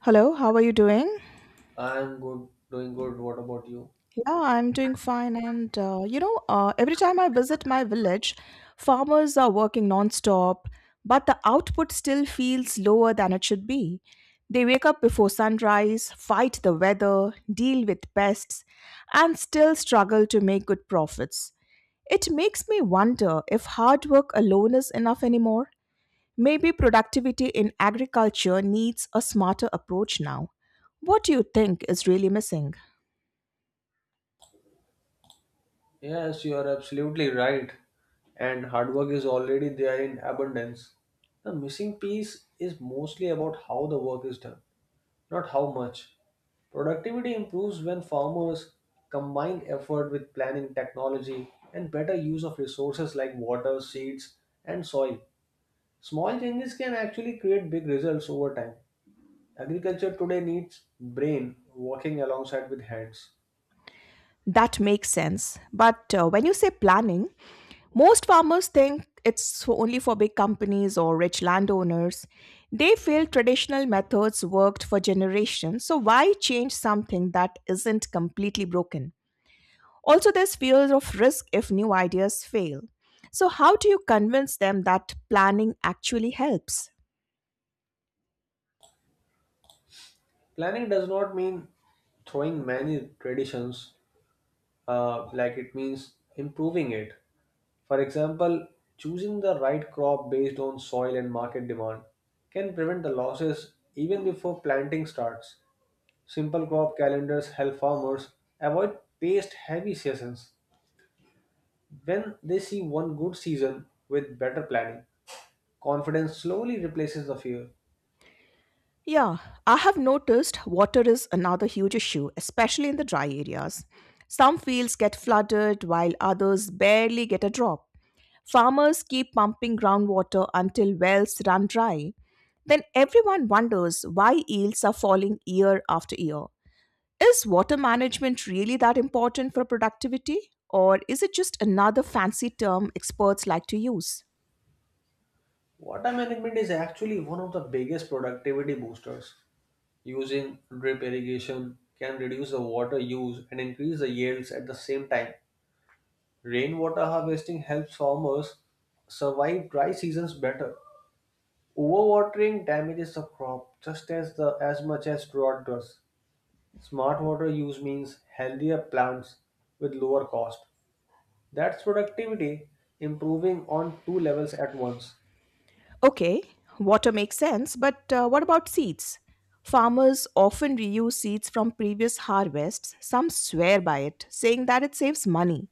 Hello, how are you doing? I'm good, doing good. What about you? Yeah, I'm doing fine. Every time I visit my village, farmers are working nonstop, but the output still feels lower than it should be. They wake up before sunrise, fight the weather, deal with pests, and still struggle to make good profits. It makes me wonder if hard work alone is enough anymore. Maybe productivity in agriculture needs a smarter approach now. What do you think is really missing? Yes, you are absolutely right. And hard work is already there in abundance. The missing piece is mostly about how the work is done, not how much. Productivity improves when farmers combine effort with planning technology and better use of resources like water, seeds, and soil. Small changes can actually create big results over time. Agriculture today needs brain working alongside with hands. That makes sense. But when you say planning, most farmers think only for big companies or rich landowners. They feel traditional methods worked for generations, so why change something that isn't completely broken? Also, there's fear of risk if new ideas fail. So, how do you convince them that planning actually helps? Planning does not mean throwing many traditions, like it means improving it. For example, choosing the right crop based on soil and market demand can prevent the losses even before planting starts. Simple crop calendars help farmers avoid pest heavy seasons. When they see one good season with better planning, confidence slowly replaces the fear. Yeah, I have noticed water is another huge issue, especially in the dry areas. Some fields get flooded while others barely get a drop. Farmers keep pumping groundwater until wells run dry. Then everyone wonders why yields are falling year after year. Is water management really that important for productivity, or is it just another fancy term experts like to use? Water management is actually one of the biggest productivity boosters. Using drip irrigation can reduce the water use and increase the yields at the same time. Rainwater harvesting helps farmers survive dry seasons better. Overwatering damages the crop just as the as much as drought does. Smart water use means healthier plants with lower cost. That's productivity improving on two levels at once. Okay, water makes sense, but what about seeds? Farmers often reuse seeds from previous harvests. Some swear by it, saying that it saves money.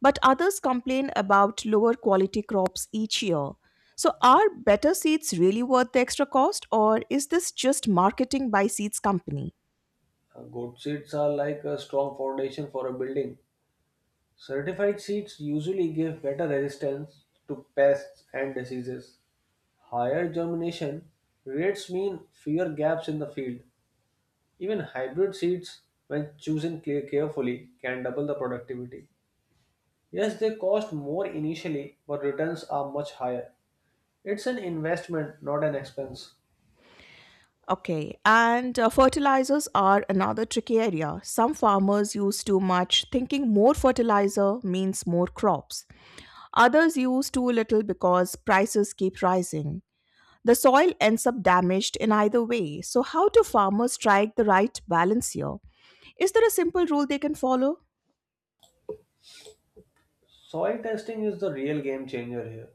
But others complain about lower quality crops each year. So, are better seeds really worth the extra cost, or is this just marketing by seeds company? Good seeds are like a strong foundation for a building. Certified seeds usually give better resistance to pests and diseases. Higher germination rates mean fewer gaps in the field. Even hybrid seeds, when chosen carefully, can double the productivity. Yes, they cost more initially, but returns are much higher. It's an investment, not an expense. Okay, and fertilizers are another tricky area. Some farmers use too much, thinking more fertilizer means more crops. Others use too little because prices keep rising. The soil ends up damaged in either way. So, how do farmers strike the right balance here? Is there a simple rule they can follow? Soil testing is the real game changer here.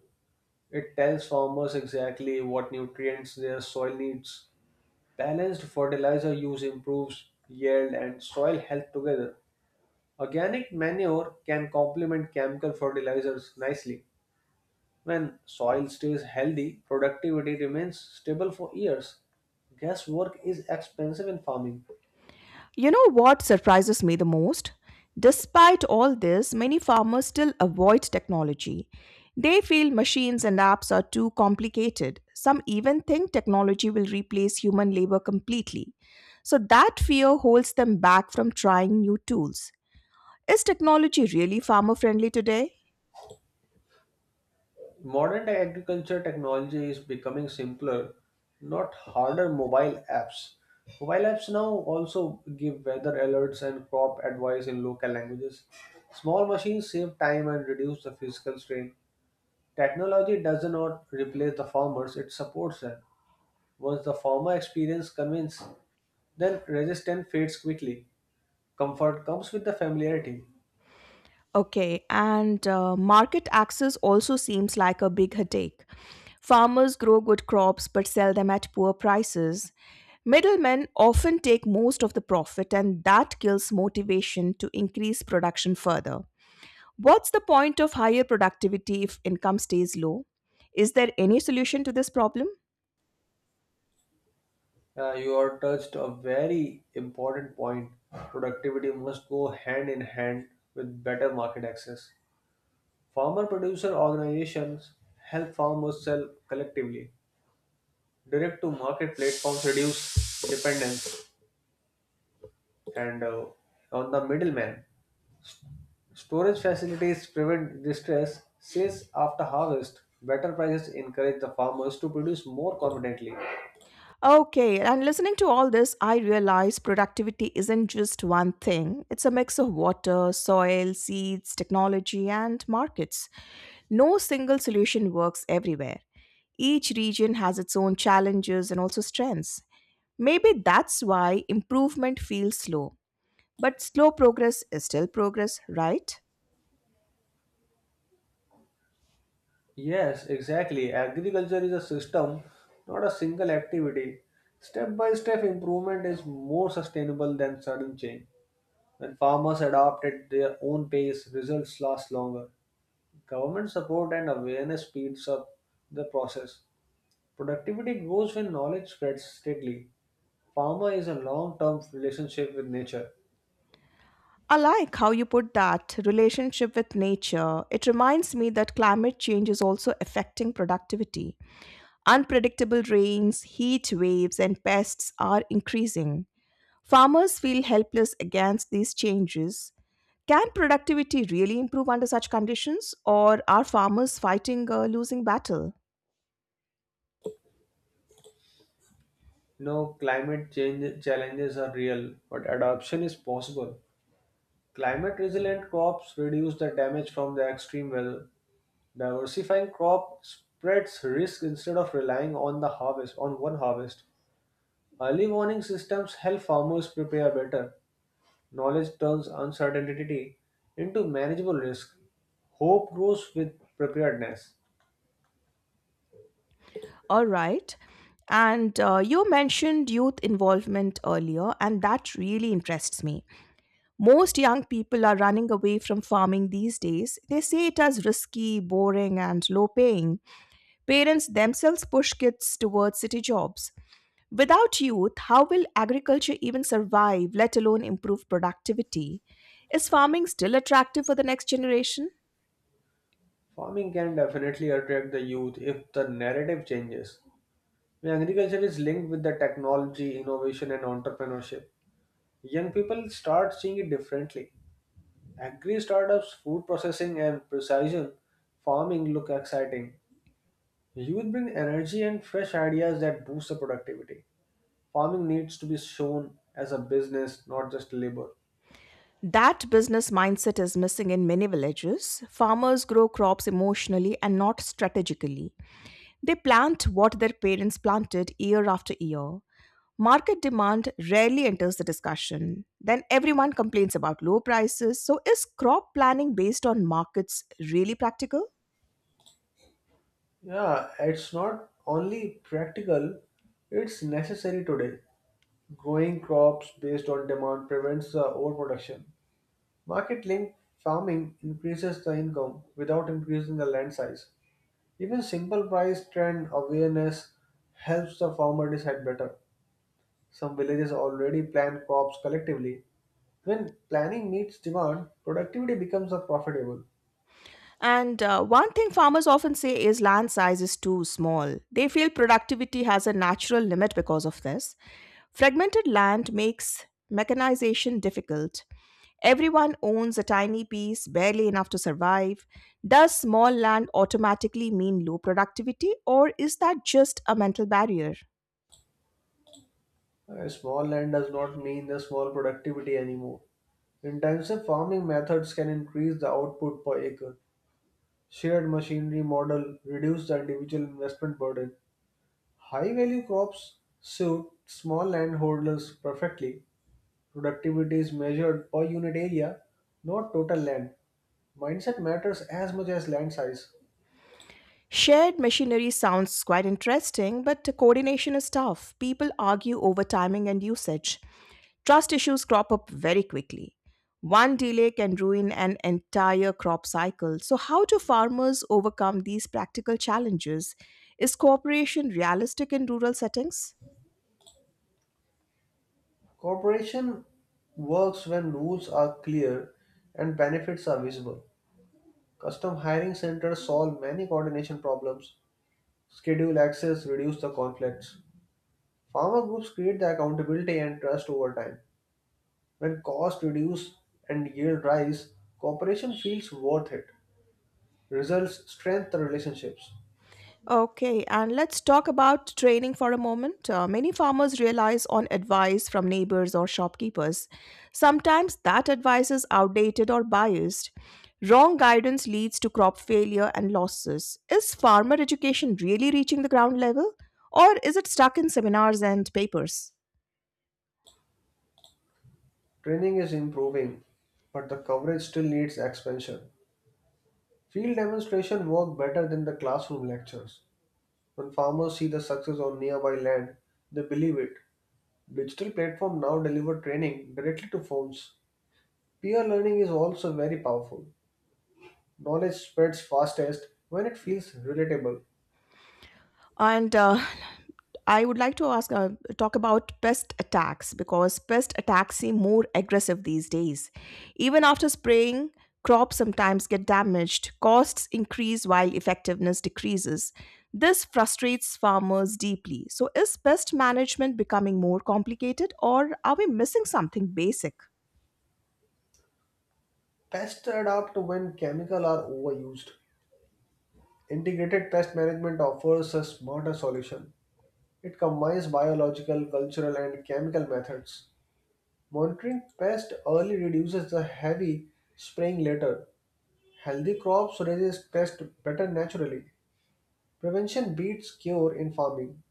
It tells farmers exactly what nutrients their soil needs. Balanced fertilizer use improves yield and soil health together. Organic manure can complement chemical fertilizers nicely. When soil stays healthy, productivity remains stable for years. Guesswork is expensive in farming. You know what surprises me the most? Despite all this, many farmers still avoid technology. They feel machines and apps are too complicated. Some even think technology will replace human labor completely. So, that fear holds them back from trying new tools. Is technology really farmer friendly today? Modern day agriculture technology is becoming simpler, not harder mobile apps. Mobile apps now also give weather alerts and crop advice in local languages. Small machines save time and reduce the physical strain. Technology does not replace the farmers, it supports them. Once the farmer experience convince, then resistance fades quickly. Comfort comes with the familiarity. Okay, and market access also seems like a big headache. Farmers grow good crops but sell them at poor prices. Middlemen often take most of the profit, and that kills motivation to increase production further. What's the point of higher productivity if income stays low? Is there any solution to this problem? You are touched a very important point. Productivity must go hand in hand with better market access. Farmer producer organizations help farmers sell collectively. Direct to market platforms reduce dependence and on the middleman. Storage facilities prevent distress sales after harvest. Better prices encourage the farmers to produce more confidently. Okay, and listening to all this, I realize productivity isn't just one thing. It's a mix of water, soil, seeds, technology, and markets. No single solution works everywhere. Each region has its own challenges and also strengths. Maybe that's why improvement feels slow. But slow progress is still progress, right? Yes, exactly. Agriculture is a system, not a single activity. Step by step improvement is more sustainable than sudden change. When farmers adapt at their own pace, results last longer. Government support and awareness speeds up the process. Productivity grows when knowledge spreads steadily. Farmer is a long term relationship with nature. I like how you put that relationship with nature. It reminds me that climate change is also affecting productivity. Unpredictable rains, heat waves, and pests are increasing. Farmers feel helpless against these changes. Can productivity really improve under such conditions, or are farmers fighting a losing battle? No, climate change challenges are real, but adaptation is possible. Climate resilient crops reduce the damage from the extreme weather. Diversifying crop spreads risk instead of relying on one harvest. Early warning systems help farmers prepare better. Knowledge turns uncertainty into manageable risk. Hope grows with preparedness. All right. And you mentioned youth involvement earlier, and that really interests me. Most young people are running away from farming these days. They say it as risky, boring, and low paying. Parents themselves push kids towards city jobs. Without youth, how will agriculture even survive, let alone improve productivity? Is farming still attractive for the next generation? Farming can definitely attract the youth if the narrative changes. When Agriculture is linked with the technology, innovation, and entrepreneurship. Young people start seeing it differently. Agri startups, food processing, and precision farming look exciting. Youth bring energy and fresh ideas that boost the productivity. Farming needs to be shown as a business, not just labor. That business mindset is missing in many villages. Farmers grow crops emotionally and not strategically. They plant what their parents planted year after year. Market demand rarely enters the discussion. Then everyone complains about low prices. So, is crop planning based on markets really practical? Yeah, it's not only practical, it's necessary today. Growing crops based on demand prevents the overproduction. Market linked farming increases the income without increasing the land size. Even simple price trend awareness helps the farmer decide better. Some villages already plant crops collectively. When planning meets demand, productivity becomes a profitable. And one thing farmers often say is land size is too small. They feel productivity has a natural limit because of this. Fragmented land makes mechanization difficult. Everyone owns a tiny piece, barely enough to survive. Does small land automatically mean low productivity, or is that just a mental barrier? A small land does not mean the small productivity anymore. Intensive farming methods can increase the output per acre. Shared machinery model reduce the individual investment burden. High value crops suit small landholders perfectly. Productivity is measured per unit area, not total land. Mindset matters as much as land size. Shared machinery sounds quite interesting, but coordination is tough. People argue over timing and usage. Trust issues crop up very quickly. One delay can ruin an entire crop cycle. So, how do farmers overcome these practical challenges? Is cooperation realistic in rural settings? Cooperation works when rules are clear and benefits are visible. Custom hiring centers solve many coordination problems, schedule access, reduce the conflicts. Farmer groups create the accountability and trust over time. When costs reduce and yield rise, cooperation feels worth it. Results strengthen relationships. Okay, and let's talk about training for a moment. Many farmers realize on advice from neighbors or shopkeepers. Sometimes that advice is outdated or biased. Wrong guidance leads to crop failure and losses. Is farmer education really reaching the ground level, or is it stuck in seminars and papers? Training is improving, but the coverage still needs expansion. Field demonstration work better than the classroom lectures. When farmers see the success on nearby land, they believe it. Digital platform now deliver training directly to phones. Peer learning is also very powerful. Knowledge spreads fastest when it feels relatable. And I would like to ask talk about pest attacks, because pest attacks seem more aggressive these days. Even after spraying, crops sometimes get damaged. Costs increase while effectiveness decreases. This frustrates farmers deeply. So, is pest management becoming more complicated, or are we missing something basic? Pests adapt when chemical are overused. Integrated pest management offers a smarter solution. It combines biological, cultural, and chemical methods. Monitoring pests early reduces the heavy spraying later. Healthy crops resist pests better naturally. Prevention beats cure in farming.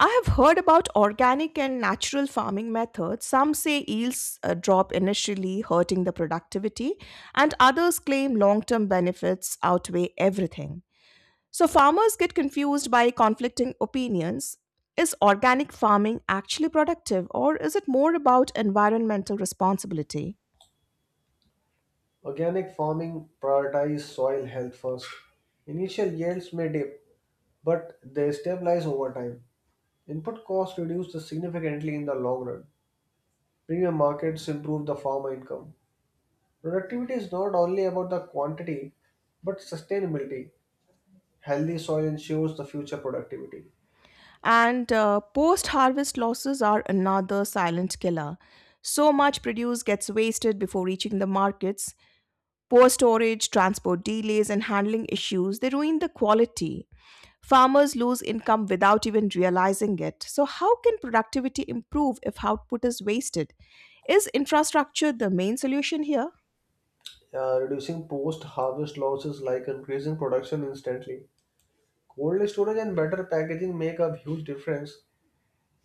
I have heard about organic and natural farming methods. Some say yields drop initially, hurting the productivity, and others claim long term benefits outweigh everything. So, farmers get confused by conflicting opinions. Is organic farming actually productive, or is it more about environmental responsibility? Organic farming prioritizes soil health first. Initial yields may dip, but they stabilize over time. Input costs reduce significantly in the long run. Premium markets improve the farmer income. Productivity is not only about the quantity but sustainability. Healthy soil ensures the future productivity. And post harvest losses are another silent killer. So much produce gets wasted before reaching the markets. Poor storage, transport delays, and handling issues, they ruin the quality. Farmers lose income without even realizing it. So, how can productivity improve if output is wasted? Is infrastructure the main solution here? Reducing post-harvest losses like increasing production instantly. Cold storage and better packaging make a huge difference.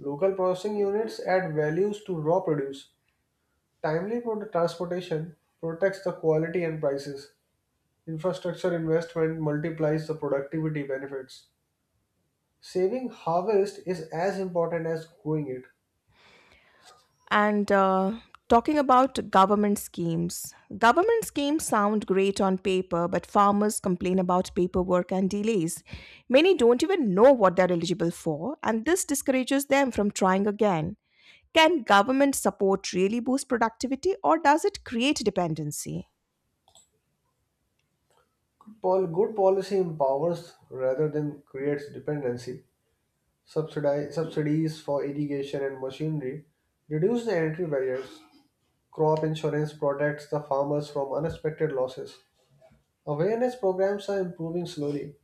Local processing units add values to raw produce. Timely product transportation protects the quality and prices. Infrastructure investment multiplies the productivity benefits. Saving harvest is as important as growing it. And talking about government schemes sound great on paper, but farmers complain about paperwork and delays. Many don't even know what they're eligible for, and this discourages them from trying again. Can government support really boost productivity, or does it create dependency? Good policy empowers rather than creates dependency. Subsidies for irrigation and machinery reduce the entry barriers. Crop insurance protects the farmers from unexpected losses. Awareness programs are improving slowly.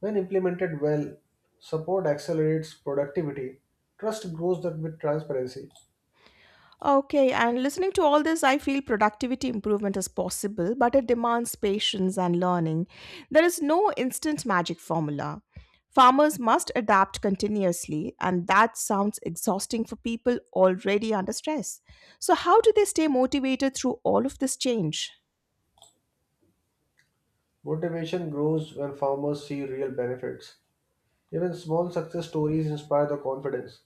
When implemented well, support accelerates productivity. Trust grows that with transparency. Okay, and listening to all this, I feel productivity improvement is possible, but it demands patience and learning. There is no instant magic formula. Farmers must adapt continuously, and that sounds exhausting for people already under stress. So, how do they stay motivated through all of this change? Motivation grows when farmers see real benefits. Even small success stories inspire the confidence.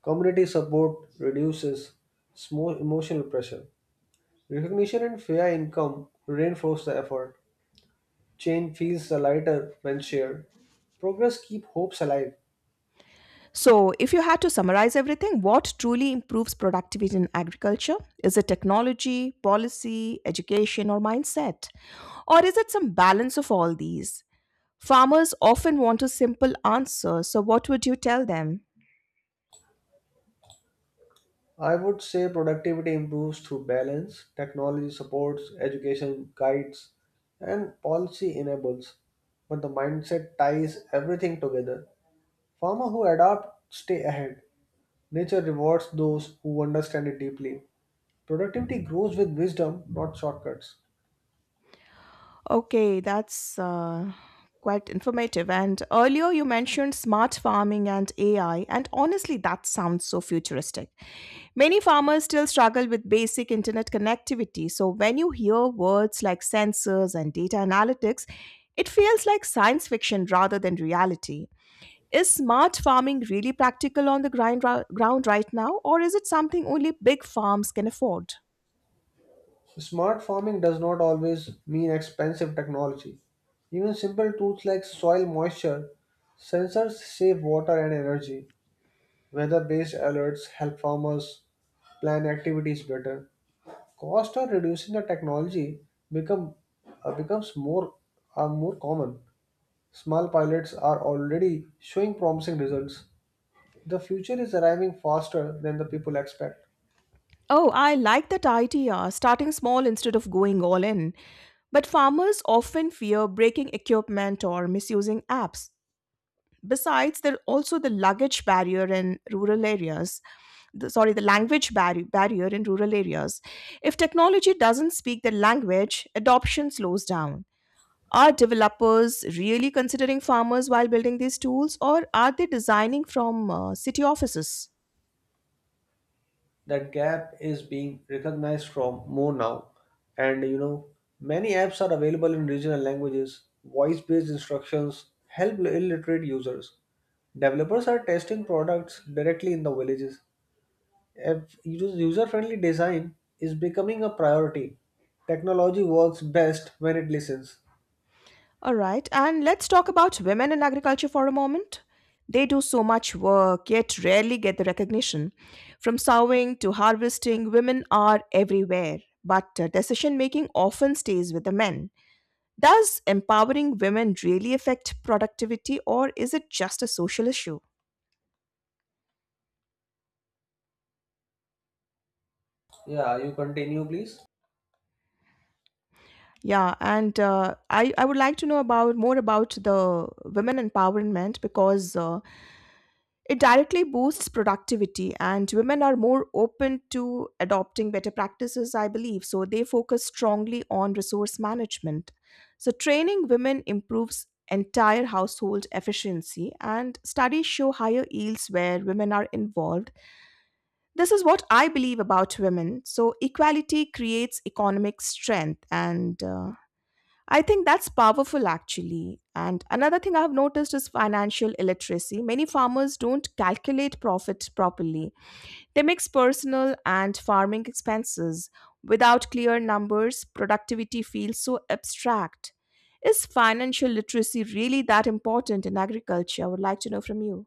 Community support reduces small emotional pressure. Recognition and fair income reinforce the effort. Chain feels lighter when shared. Progress keeps hopes alive. So, if you had to summarize everything, what truly improves productivity in agriculture? Is it technology, policy, education, or mindset? Or is it some balance of all these? Farmers often want a simple answer, so what would you tell them? I would say productivity improves through balance, technology supports, education guides, and policy enables. But the mindset ties everything together. Farmer who adapt stay ahead. Nature rewards those who understand it deeply. Productivity grows with wisdom, not shortcuts. Okay, that's quite informative. And earlier you mentioned smart farming and AI, and honestly, that sounds so futuristic. Many farmers still struggle with basic internet connectivity, so when you hear words like sensors and data analytics, it feels like science fiction rather than reality. Is smart farming really practical on the grind ground right now, or is it something only big farms can afford? Smart farming does not always mean expensive technology. Even simple tools like soil moisture sensors save water and energy. Weather based alerts help farmers plan activities better. Cost of reducing the technology become, uh, becomes more, are more common. Small pilots are already showing promising results. The future is arriving faster than the people expect. Oh, I like that idea, starting small instead of going all in. But farmers often fear breaking equipment or misusing apps. Besides, there are also the luggage barrier in rural areas. The, sorry, the barrier in rural areas. If technology doesn't speak the language, adoption slows down. Are developers really considering farmers while building these tools, or are they designing from city offices? That gap is being recognized from more now, and many apps are available in regional languages. Voice based instructions help illiterate users. Developers are testing products directly in the villages. User friendly design is becoming a priority. Technology works best when it listens. All right, and let's talk about women in agriculture for a moment. They do so much work, yet rarely get the recognition. From sowing to harvesting, women are everywhere, but decision making often stays with the men. Does empowering women really affect productivity, or is it just a social issue? Yeah, you continue please. Yeah, and I would like to know about more about the women empowerment because it directly boosts productivity, and women are more open to adopting better practices, I believe. So they focus strongly on resource management. So training women improves entire household efficiency, and studies show higher yields where women are involved. This is what I believe about women. So equality creates economic strength, and I think that's powerful actually. And another thing I've noticed is financial illiteracy. Many farmers don't calculate profit properly. They mix personal and farming expenses. Without clear numbers, productivity feels so abstract. Is financial literacy really that important in agriculture? I would like to know from you.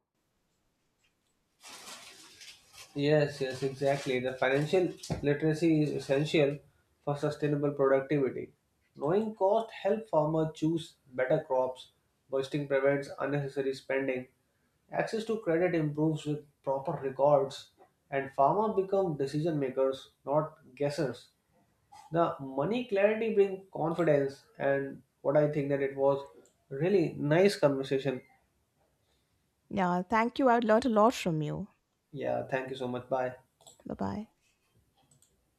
Yes, yes, exactly. The financial literacy is essential for sustainable productivity. Knowing cost helps farmers choose better crops. Budgeting prevents unnecessary spending. Access to credit improves with proper records, and farmers become decision makers, not guessers. The money clarity brings confidence, and what I think that it was really nice conversation. Yeah, thank you. I've learned a lot from you. Yeah, thank you so much. Bye. Bye bye.